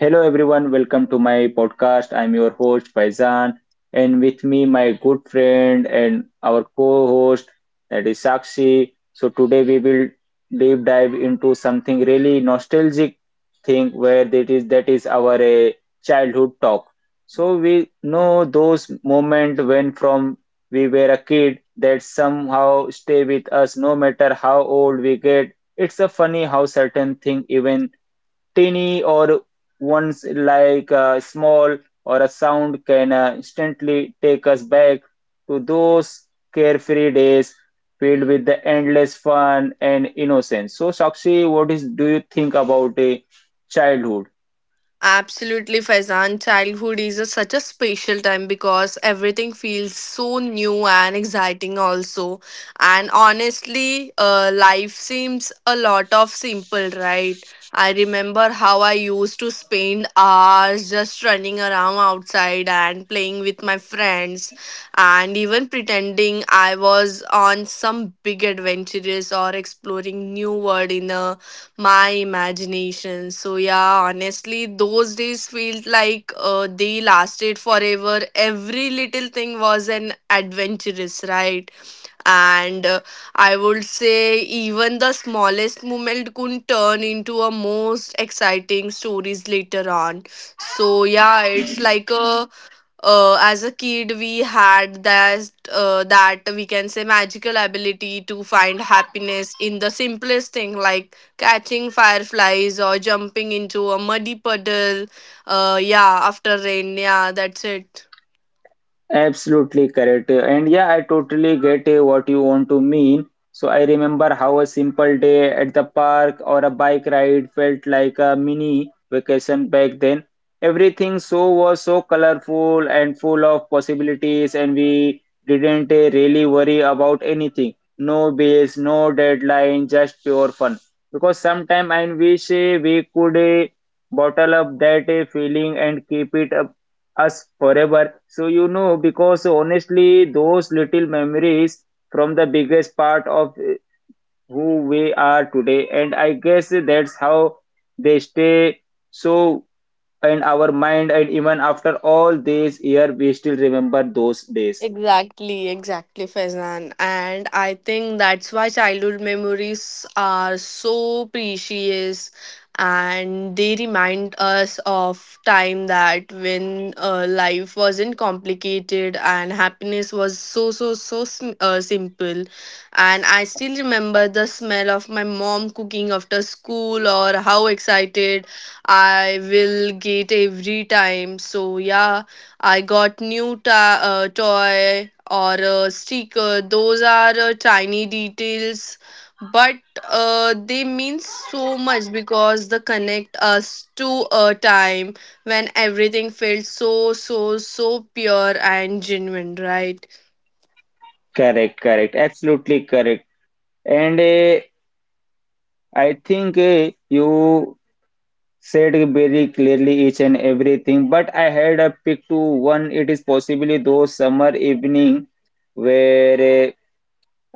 Hello everyone, welcome to my podcast. I'm your host Faizan, and with me my good friend and our co-host that is Sakshi. So today we will deep dive into something really nostalgic thing where that is our childhood talk. So we know those moments when from we were a kid that somehow stay with us no matter how old we get. It's a funny how certain thing even tiny or ones like a small or a sound can instantly take us back to those carefree days filled with the endless fun and innocence. So, Sakshi, what is do you think about a childhood? Absolutely, Faizan. Childhood is a, such a special time because everything feels so new and exciting, also. And honestly, life seems a lot of simple, right? I remember how I used to spend hours just running around outside and playing with my friends, and even pretending I was on some big adventures or exploring new world in a my imagination. So yeah, honestly, those days felt like they lasted forever. Every little thing was an adventurous, right? And I would say even the smallest moment could turn into a most exciting stories later on. So yeah, it's like a as a kid we had that we can say magical ability to find happiness in the simplest thing like catching fireflies or jumping into a muddy puddle yeah after rain, yeah, that's it. Absolutely correct. And yeah, I totally get what you want to mean. So I remember how a simple day at the park or a bike ride felt like a mini vacation back then. Everything so was so colorful and full of possibilities and we didn't really worry about anything. No bills, no deadline, just pure fun. Because sometimes I wish we could bottle up that feeling and keep it up us forever. So, because honestly, those little memories from the biggest part of who we are today, and I guess that's how they stay so in our mind, and even after all these year, we still remember those days. Exactly, exactly, Faizan. And I think that's why childhood memories are so precious, and they remind us of time that when life wasn't complicated and happiness was so, so, so simple. And I still remember the smell of my mom cooking after school or how excited I will get every time. So, yeah, I got new toy or a sticker. Those are tiny details, but they mean so much because they connect us to a time when everything felt so so so pure and genuine, right? Correct, absolutely correct. And I think you said very clearly each and everything, but I had a pick to one. It is possibly those summer evening where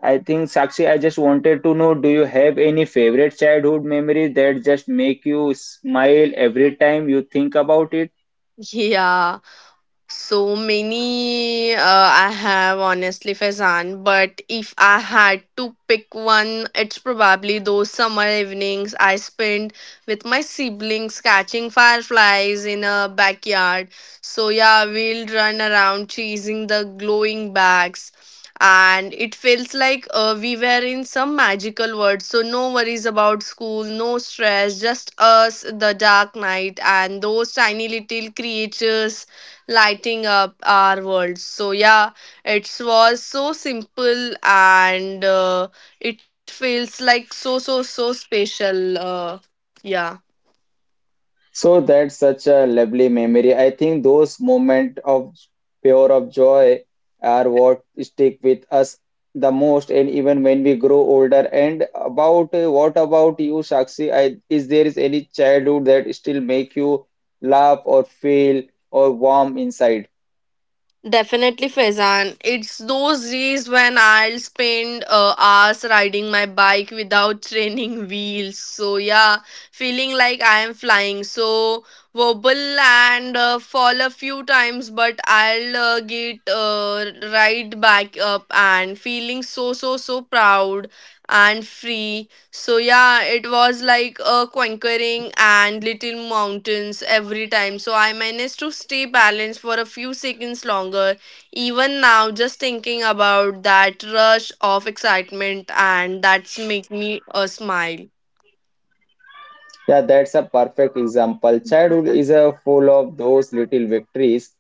I think Sakshi, I just wanted to know, do you have any favorite childhood memory that just make you smile every time you think about it? Yeah. So many I have honestly, Fazan, but if I had to pick one, it's probably those summer evenings I spent with my siblings catching fireflies in a backyard. So yeah, we'll run around chasing the glowing bags. And it feels like we were in some magical world. So, no worries about school, no stress, just us, the dark night, and those tiny little creatures lighting up our world. So yeah, it was so simple and it feels like so so so special. Yeah. So that's such a lovely memory. I think those moments of pure of joy are what stick with us the most, and even when we grow older. And about what about you, Shakshi? Is there is any childhood that still make you laugh or feel or warm inside? Definitely, Faizan. It's those days when I'll spend hours riding my bike without training wheels. So, yeah, feeling like I am flying. So, wobble and fall a few times, but I'll get right back up and feeling so, so, so proud and free. So yeah, it was like a conquering and little mountains every time. So I managed to stay balanced for a few seconds longer. Even now, just thinking about that rush of excitement and that's make me a smile. Yeah, that's a perfect example. Childhood is a full of those little victories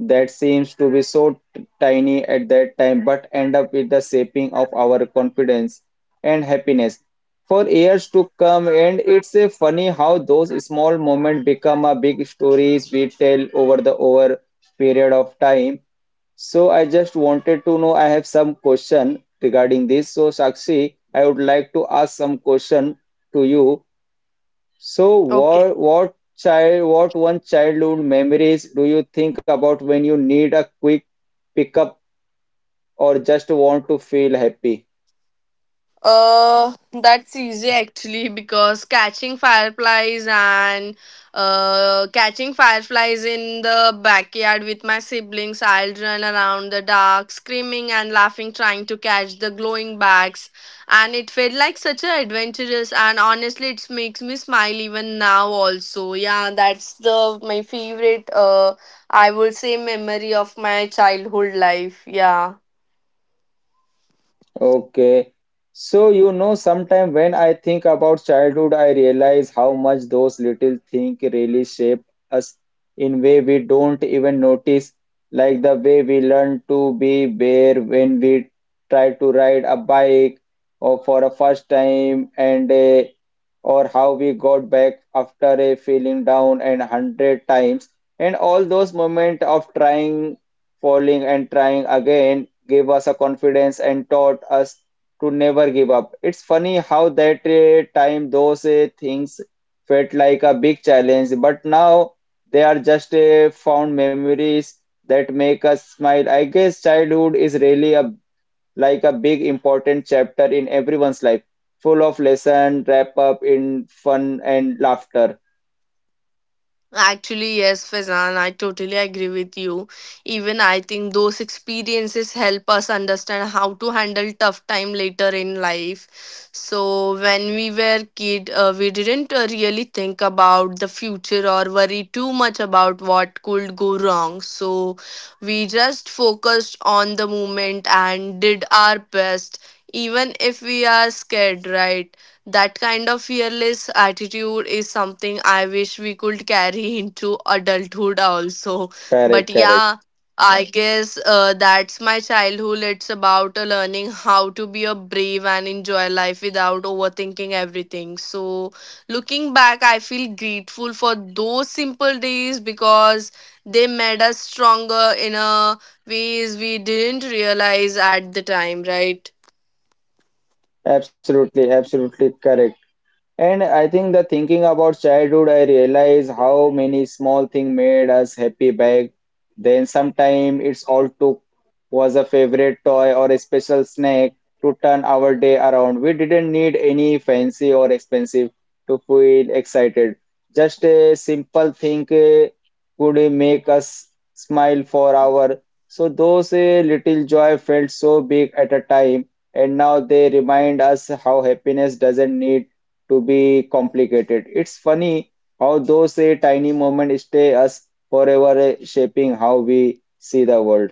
that seems to be so tiny at that time, but end up with the shaping of our confidence and happiness for years to come. And it's a funny how those small moments become a big stories we tell over the over period of time. So I just wanted to know. I have some question regarding this. So Sakshi, I would like to ask some question to you so Okay. what one childhood memories do you think about when you need a quick pickup or just want to feel happy? Uh, that's easy actually because catching fireflies in the backyard with my siblings, I'll run around the dark, screaming and laughing, trying to catch the glowing bags. And it felt like such an adventurous, and honestly, it makes me smile even now. Also, yeah, that's the my favorite. I would say memory of my childhood life. Yeah. Okay. So, you know, sometimes when I think about childhood, I realize how much those little things really shape us in way we don't even notice, like the way we learn to be bare when we try to ride a bike or for a first time and or how we got back after a feeling down and hundred times and all those moments of trying, falling and trying again gave us a confidence and taught us to never give up. It's funny how that time those things felt like a big challenge, but now they are just found memories that make us smile. I guess childhood is really a like a big important chapter in everyone's life, full of lesson, wrap up in fun and laughter. Actually, yes, Fazan, I totally agree with you. Even I think those experiences help us understand how to handle tough time later in life. So when we were kid, we didn't really think about the future or worry too much about what could go wrong. So we just focused on the moment and did our best, even if we are scared, right? That kind of fearless attitude is something I wish we could carry into adulthood also. Correct, But correct. yeah, I Right. guess that's my childhood. It's about learning how to be a brave and enjoy life without overthinking everything. So, looking back, I feel grateful for those simple days because they made us stronger in a ways we didn't realize at the time, right? Absolutely correct. And I think the thinking about childhood, I realize how many small things made us happy back then. Sometimes it's all took was a favorite toy or a special snack to turn our day around. We didn't need any fancy or expensive to feel excited. Just a simple thing could make us smile for hour. So those little joy felt so big at a time, and now they remind us how happiness doesn't need to be complicated. It's funny how those a tiny moments stay us forever, shaping how we see the world.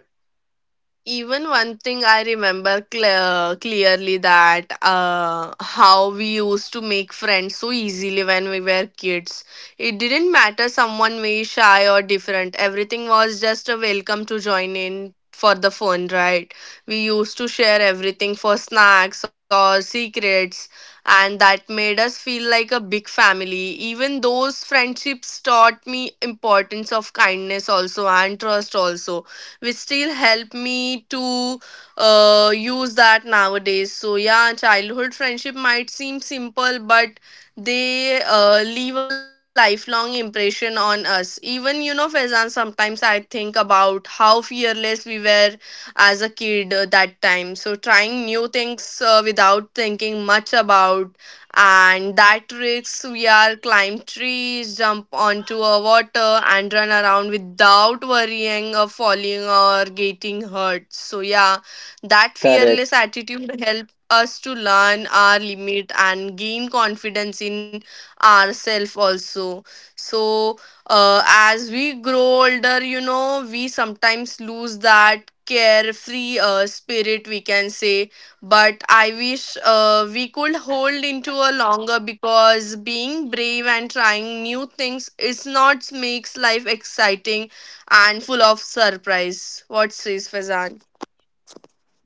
Even one thing I remember clearly that how we used to make friends so easily when we were kids. It didn't matter someone way shy or different, everything was just a welcome to join in for the fun, right? We used to share everything for snacks or secrets, and that made us feel like a big family. Even those friendships taught me importance of kindness also and trust also, which still help me to use that nowadays. So yeah, childhood friendship might it seems simple, but they leave a lifelong impression on us. Even, you know, Faizan, sometimes I think about how fearless we were as a kid that time. So, trying new things without thinking much about, and that risks we are climb trees, jump onto a water, and run around without worrying of falling or getting hurt. So, yeah, that fearless Correct. attitude helped us to learn our limit and gain confidence in ourselves also. So as we grow older, you know, we sometimes lose that carefree spirit we can say, but I wish we could hold into a longer because being brave and trying new things is not makes life exciting and full of surprise. What says, Fazan?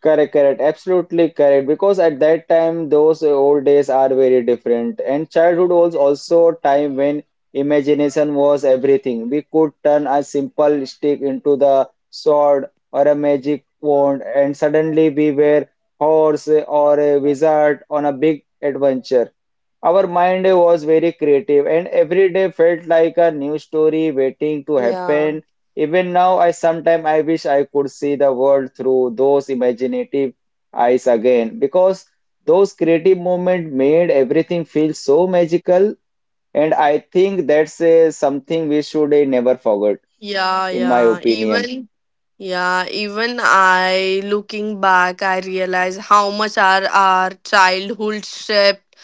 Correct, absolutely correct. Because at that time, those old days are very different. And childhood was also a time when imagination was everything. We could turn a simple stick into the sword or a magic wand, and suddenly we were horse or a wizard on a big adventure. Our mind was very creative, and every day felt like a new story waiting to Yeah, happen. Even now, I sometimes I wish I could see the world through those imaginative eyes again, because those creative moments made everything feel so magical, and I think that's something we should never forget, yeah, in my yeah, opinion. even Yeah, even I looking back, I realize how much our childhood shaped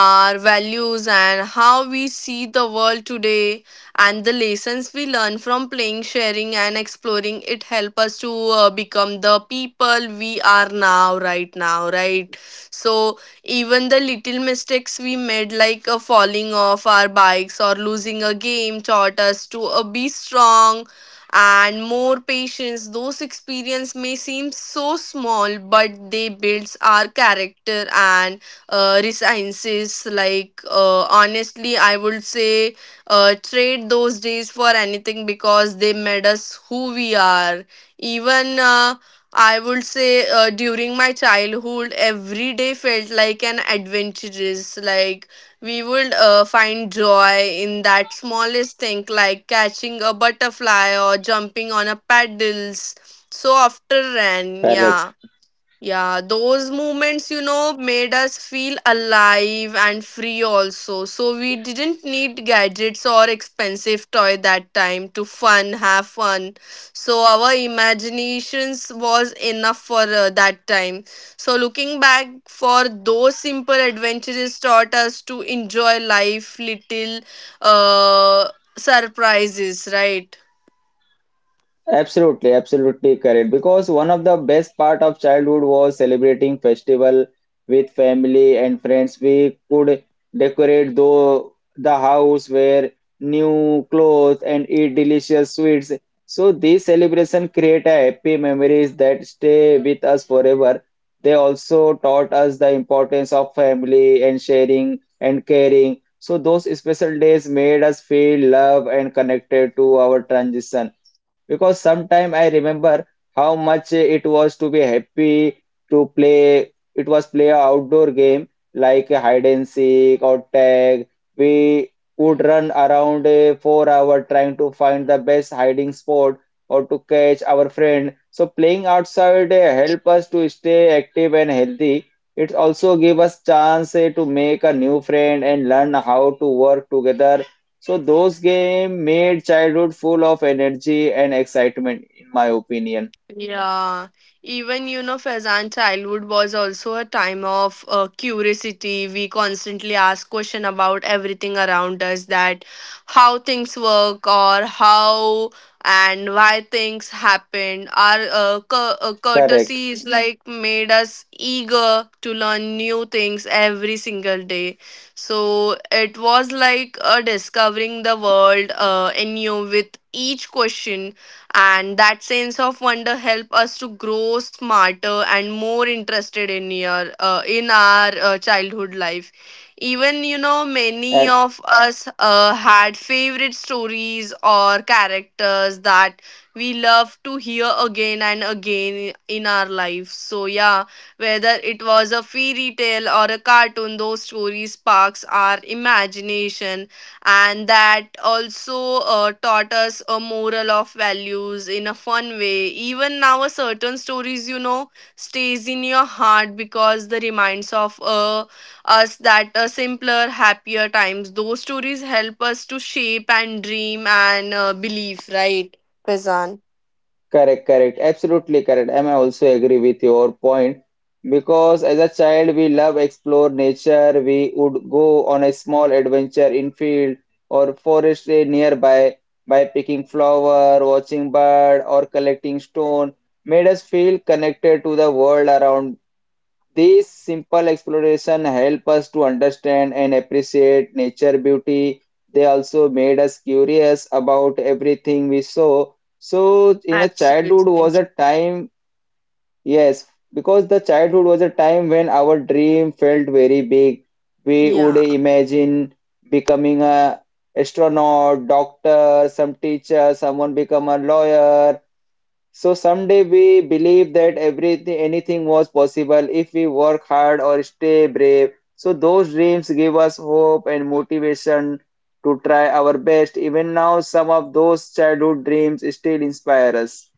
our values and how we see the world today, and the lessons we learn from playing sharing and exploring it help us to become the people we are now, right? So even the little mistakes we made like falling off our bikes or losing a game taught us to be strong and more patience. Those experiences may seem so small, but they builds our character and resiliences. Like honestly, I would say trade those days for anything because they made us who we are. Even I would say during my childhood, every day felt like an adventurous. Like we would find joy in that smallest thing like catching a butterfly or jumping on a paddles. So after ran, Correct. yeah. Yeah, those moments, you know, made us feel alive and free also. So we didn't need gadgets or expensive toy that time to have fun. So our imaginations was enough for that time. So looking back for those simple adventures taught us to enjoy life, little uh, surprises, right? Absolutely correct. Because one of the best part of childhood was celebrating festival with family and friends. We could decorate though the house wear new clothes and eat delicious sweets. So these celebration create a happy memories that stay with us forever. They also taught us the importance of family and sharing and caring. So those special days made us feel love and connected to our transition because sometime I remember how much it was to be happy to play. It was play a outdoor game like a hide and seek or tag. We would run around a 4 hour trying to find the best hiding spot or to catch our friend. So playing outside help us to stay active and healthy. It also give us chance to make a new friend and learn how to work together so those games made childhood full of energy and excitement, in my opinion. Yeah, even you know, Faizan, childhood was also a time of curiosity. We constantly ask question about everything around us, that how things work or how and why things happen. Our Correct. courtesy is Mhm. like made us eager to learn new things every single day. So it was like discovering the world anew with each question, and that sense of wonder help us to grow smarter and more interested in your in our childhood life. Even, you know, many Uh, of us had favorite stories or characters that we love to hear again and again in our life. So yeah, whether it was a fairy tale or a cartoon, those stories sparks our imagination, and that also taught us a moral of values in a fun way. Even now a certain stories, you know, stays in your heart because the reminds of us that a simpler happier times. Those stories help us to shape and dream and believe, right, Faizan? correct. Absolutely correct. And I also agree with your point because as a child we love explore nature. We would go on a small adventure in field or forest nearby by picking flower, watching bird or collecting stone made us feel connected to the world around. This simple exploration help us to understand and appreciate nature beauty. They also made us curious about everything we saw. So in a childhood Absolutely was a time, yes, because the childhood was a time when our dream felt very big. We would yeah. imagine becoming a astronaut, doctor, some teacher, someone become a lawyer, so someday we believe that everything, anything was possible if we work hard or stay brave. So those dreams give us hope and motivation to try our best. Even now, some of those childhood dreams still inspire us.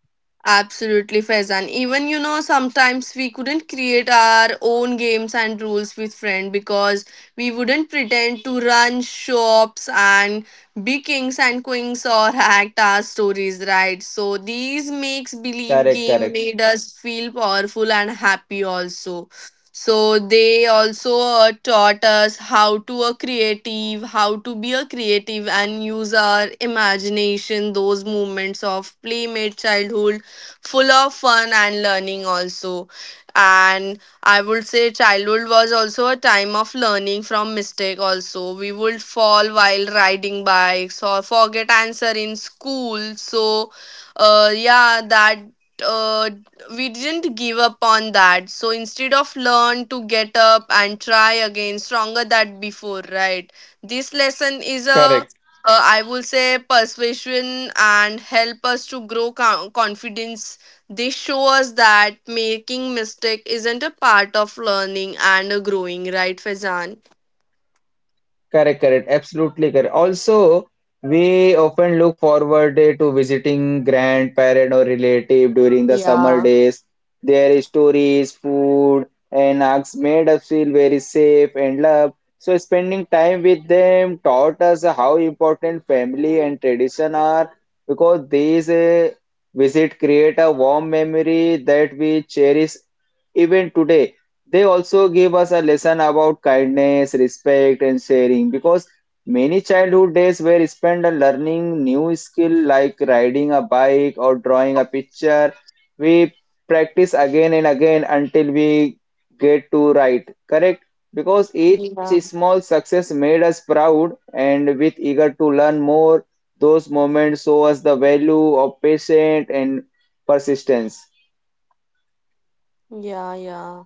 Absolutely, Faizan. Even you know, sometimes we couldn't create our own games and rules with friend because we wouldn't pretend to run shops and be kings and queens or act our stories, right? So these makes believe Correct, game correct. made us feel powerful and happy also. So they also taught us how to a creative, how to be a creative and use our imagination, those moments of playmate childhood, full of fun and learning also. And I would say childhood was also a time of learning from mistake also. We would fall while riding bikes or forget answer in school. So yeah, that uh, we didn't give up on that. So instead of learn to get up and try again, stronger than before, right? This lesson is a, Correct. I will say, persuasion and help us to grow confidence. They show us that making mistake isn't a part of learning and growing, right, Fazan? Correct, absolutely correct. Also, we often look forward to visiting grandparent or relative during the summer Yeah, days. Their stories, food, and acts made us feel very safe and loved. So, spending time with them taught us how important family and tradition are because these visit create a warm memory that we cherish even today. They also give us a lesson about kindness, respect, and sharing because many childhood days were spent on learning new skill like riding a bike or drawing a picture. We practice again and again until we get to write, correct? Because each yeah, small success made us proud and with eager to learn more, those moments show us the value of patience and persistence. yeah, yeah.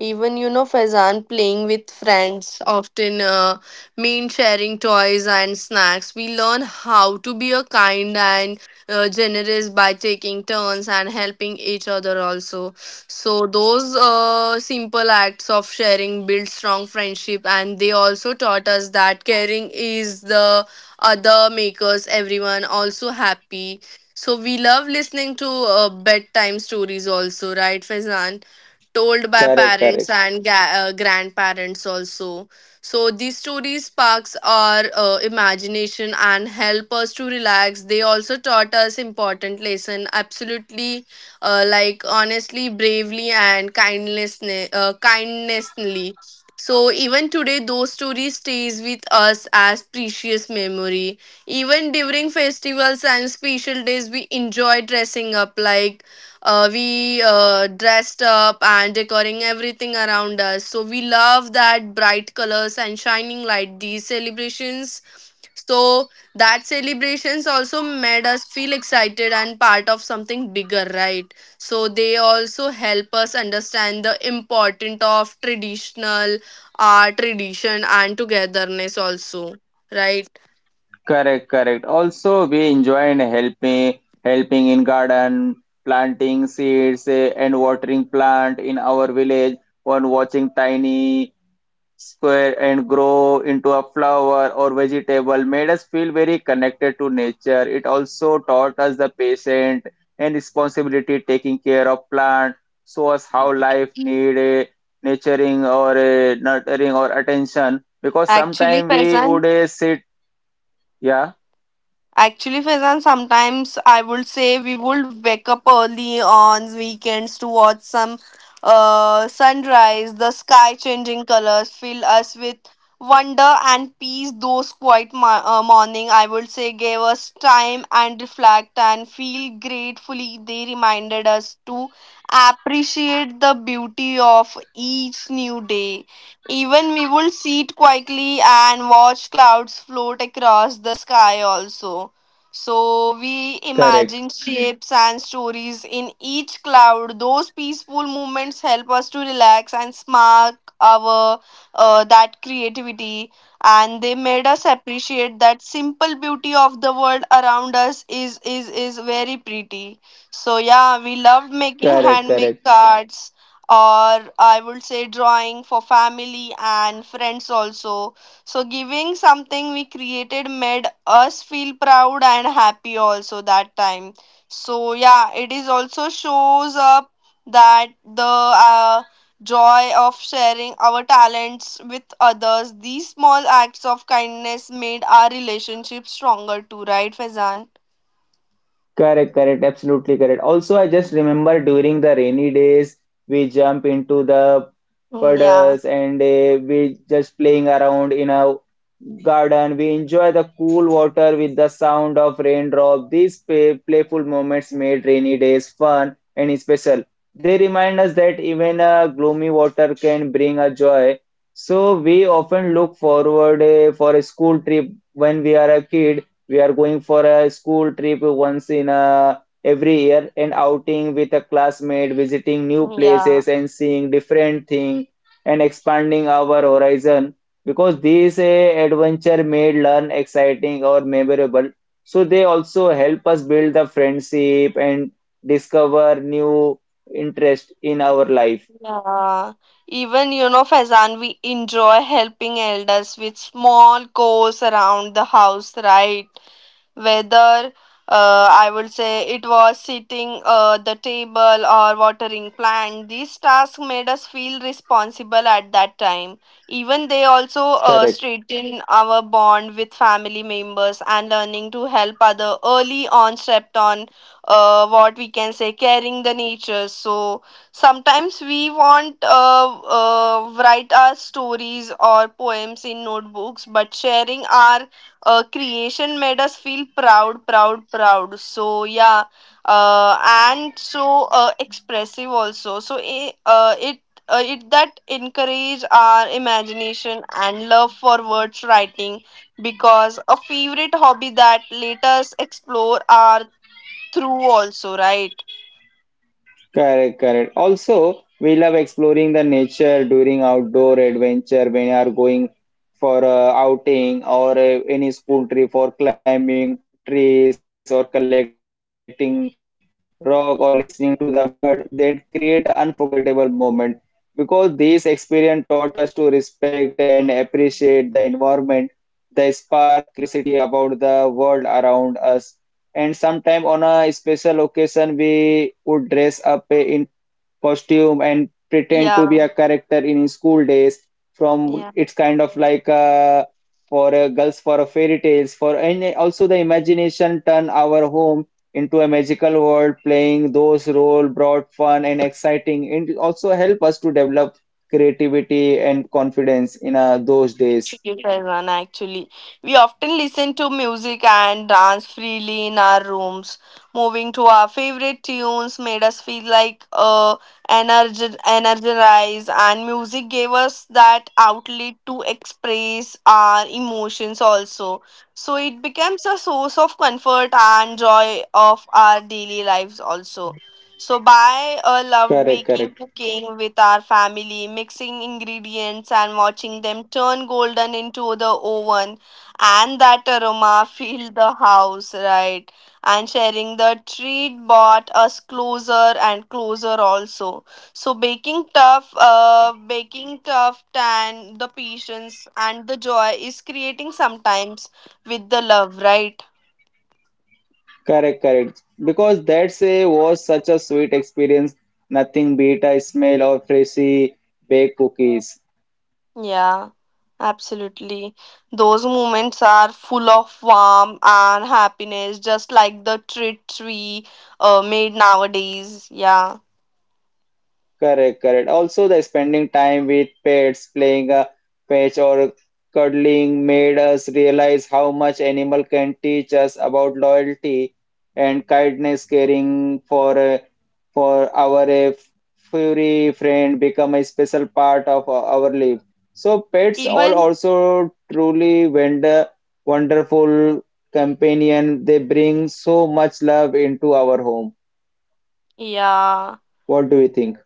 Even you know Faizan, playing with friends often mean sharing toys and snacks. We learn how to be a kind and generous by taking turns and helping each other also. So those simple acts of sharing build strong friendship, and they also taught us that caring is the other makers everyone also happy. So we love listening to bedtime stories also, right Faizan? Told by Correct, parents correct. and grandparents also. So these stories sparks our imagination and help us to relax. They also taught us important lesson. Absolutely, like honestly, bravely and kindness, kindnessly. So even today, those stories stays with us as precious memory. Even during festivals and special days, we enjoy dressing up like we dressed up and decorating everything around us, so we love that bright colors and shining light these celebrations, so that celebrations also made us feel excited and part of something bigger, right? So they also help us understand the importance of traditional art tradition and togetherness also, right? Correct. Also, we enjoyed helping in garden, planting seeds and watering plant in our village, or watching tiny square and grow into a flower or vegetable made us feel very connected to nature. It also taught us the patience and responsibility taking care of plant, show us how life need a nurturing or attention because Actually, sometimes we Faizan, would sit, yeah. Actually, Faizan, sometimes I would say we would wake up early on weekends to watch some sunrise, the sky changing colors fill us with wonder and peace. Those quiet morning, I would say, gave us time and reflect and feel gratefully. They reminded us to appreciate the beauty of each new day. Even we would sit quietly and watch clouds float across the sky also. So we Correct. imagine shapes and stories in each cloud. Those peaceful moments help us to relax and spark our that creativity, and they made us appreciate that simple beauty of the world around us is very pretty. So yeah, we loved making Correct, handmade correct, cards, or I would say drawing for family and friends also. So giving something we created made us feel proud and happy also that time. So yeah, it is also shows up that the joy of sharing our talents with others. These small acts of kindness made our relationship stronger too, right, Fezan? correct, absolutely correct. Also, I just remember during the rainy days, we jump into the Yeah, puddles and we just playing around in a garden. We enjoy the cool water with the sound of raindrop. These playful moments made rainy days fun and special. They remind us that even a gloomy water can bring a joy. So we often look forward for a school trip when we are a kid. We are going for a school trip once in a, every year, and outing with a classmate, visiting new yeah. places and seeing different things and expanding our horizon. Because these adventure made learn exciting or memorable. So they also help us build the friendship and discover new interest in our life. Yeah, even you know, Faizan, we enjoy helping elders with small chores around the house, right? Whether I would say it was sitting the table or watering plant, these tasks made us feel responsible at that time. Even they also Correct. strengthen our bond with family members and learning to help other early on stepped on what we can say caring the nature. So sometimes we want write our stories or poems in notebooks, but sharing our creation made us feel proud. So yeah, and so expressive also. So it that encourage our imagination and love for words writing because a favorite hobby that let us explore our through also, right. Correct. Also, we love exploring the nature during outdoor adventure when you are going for a outing or a, any school trip or climbing trees or collecting rock or listening to the bird, then create an unforgettable moment because this experience taught us to respect and appreciate the environment. They spark curiosity about the world around us. And sometime on a special occasion, we would dress up in costume and pretend to Yeah, be a character in his school days yeah. from it's kind of like for girls for a fairy tales for and also the imagination turn our home into a magical world playing those role brought fun and exciting and also help us to develop creativity and confidence in those To days. you, actually. We often listen to music and dance freely in our rooms. Moving to our favorite tunes made us feel like energized, and music gave us that outlet to express our emotions also. So it becomes a source of comfort and joy of our daily lives also. So by loved correct baking, correct cooking with our family, mixing ingredients and watching them turn golden into the oven, and that aroma fill the house, right? And sharing the treat brought us closer and closer also. So baking tough, and the patience and the joy is creating sometimes with the love, right? Correct, correct. Because that say was such a sweet experience. Nothing beat a smell of freshly baked cookies. Yeah, absolutely. Those moments are full of warmth and happiness, just like the treats we made nowadays. Yeah. Correct. Also, the spending time with pets, playing a fetch or cuddling made us realize how much animal can teach us about loyalty and kindness, caring for our furry friend become a special part of our life. So pets are Even, also truly wonderful companion. They bring so much love into our home. yeah. What do you think?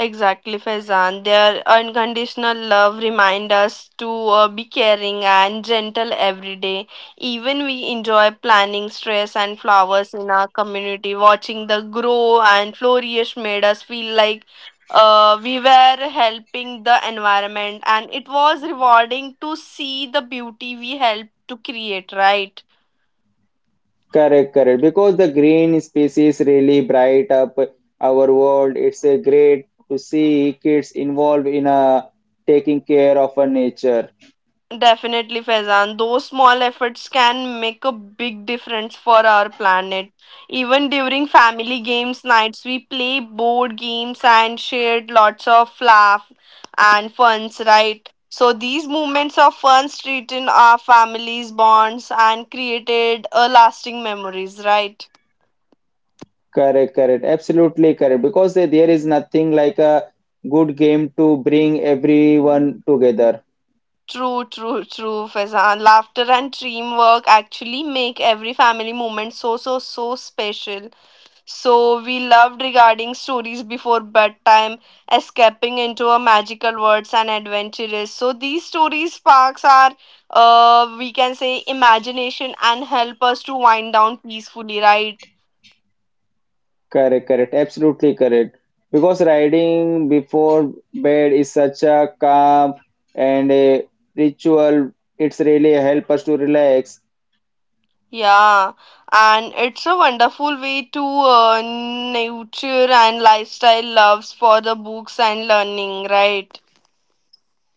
Exactly, Faizan. Their unconditional love remind us to be caring and gentle every day. Even we enjoy planting stress and flowers in our community. Watching the grow and flourish made us feel like we were helping the environment, and it was rewarding to see the beauty we helped to create. Right. Correct. Because the green spaces really bright up our world. It's a great to see kids involved in a taking care of a nature. Definitely, Faizan. Those small efforts can make a big difference for our planet. Even during family games nights, we play board games and shared lots of laugh and funs, right? So these moments of fun strengthen our families' bonds and created a lasting memories, right? Correct. Absolutely correct. Because there is nothing like a good game to bring everyone together. True, true, true, Faizan. Laughter and teamwork actually make every family moment so special. So we loved regarding stories before bedtime, escaping into a magical worlds and adventures. So these story sparks our, we can say, imagination and help us to wind down peacefully, right? Correct. Absolutely correct. Because riding before bed is such a calm and a ritual. It's really help us to relax. Yeah, and it's a wonderful way to nurture and lifestyle loves for the books and learning, right?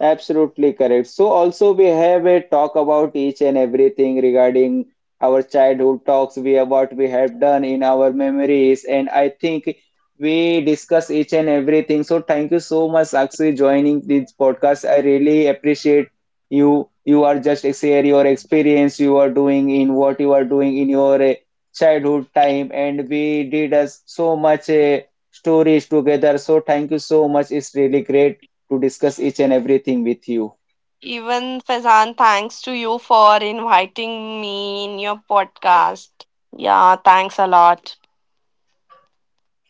Absolutely correct. So also we have a talk about each and everything regarding our childhood talks, we have what we have done in our memories, and I think we discuss each and everything. So thank you so much, Sakshi, joining this podcast. I really appreciate you. You are just share your experience you are doing in what you are doing in your childhood time, and we did us so much stories together. So thank you so much. It's really great to discuss each and everything with you. Even Fazan, thanks to you for inviting me in your podcast. Yeah, thanks a lot.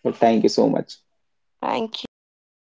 So thank you so much. Thank you.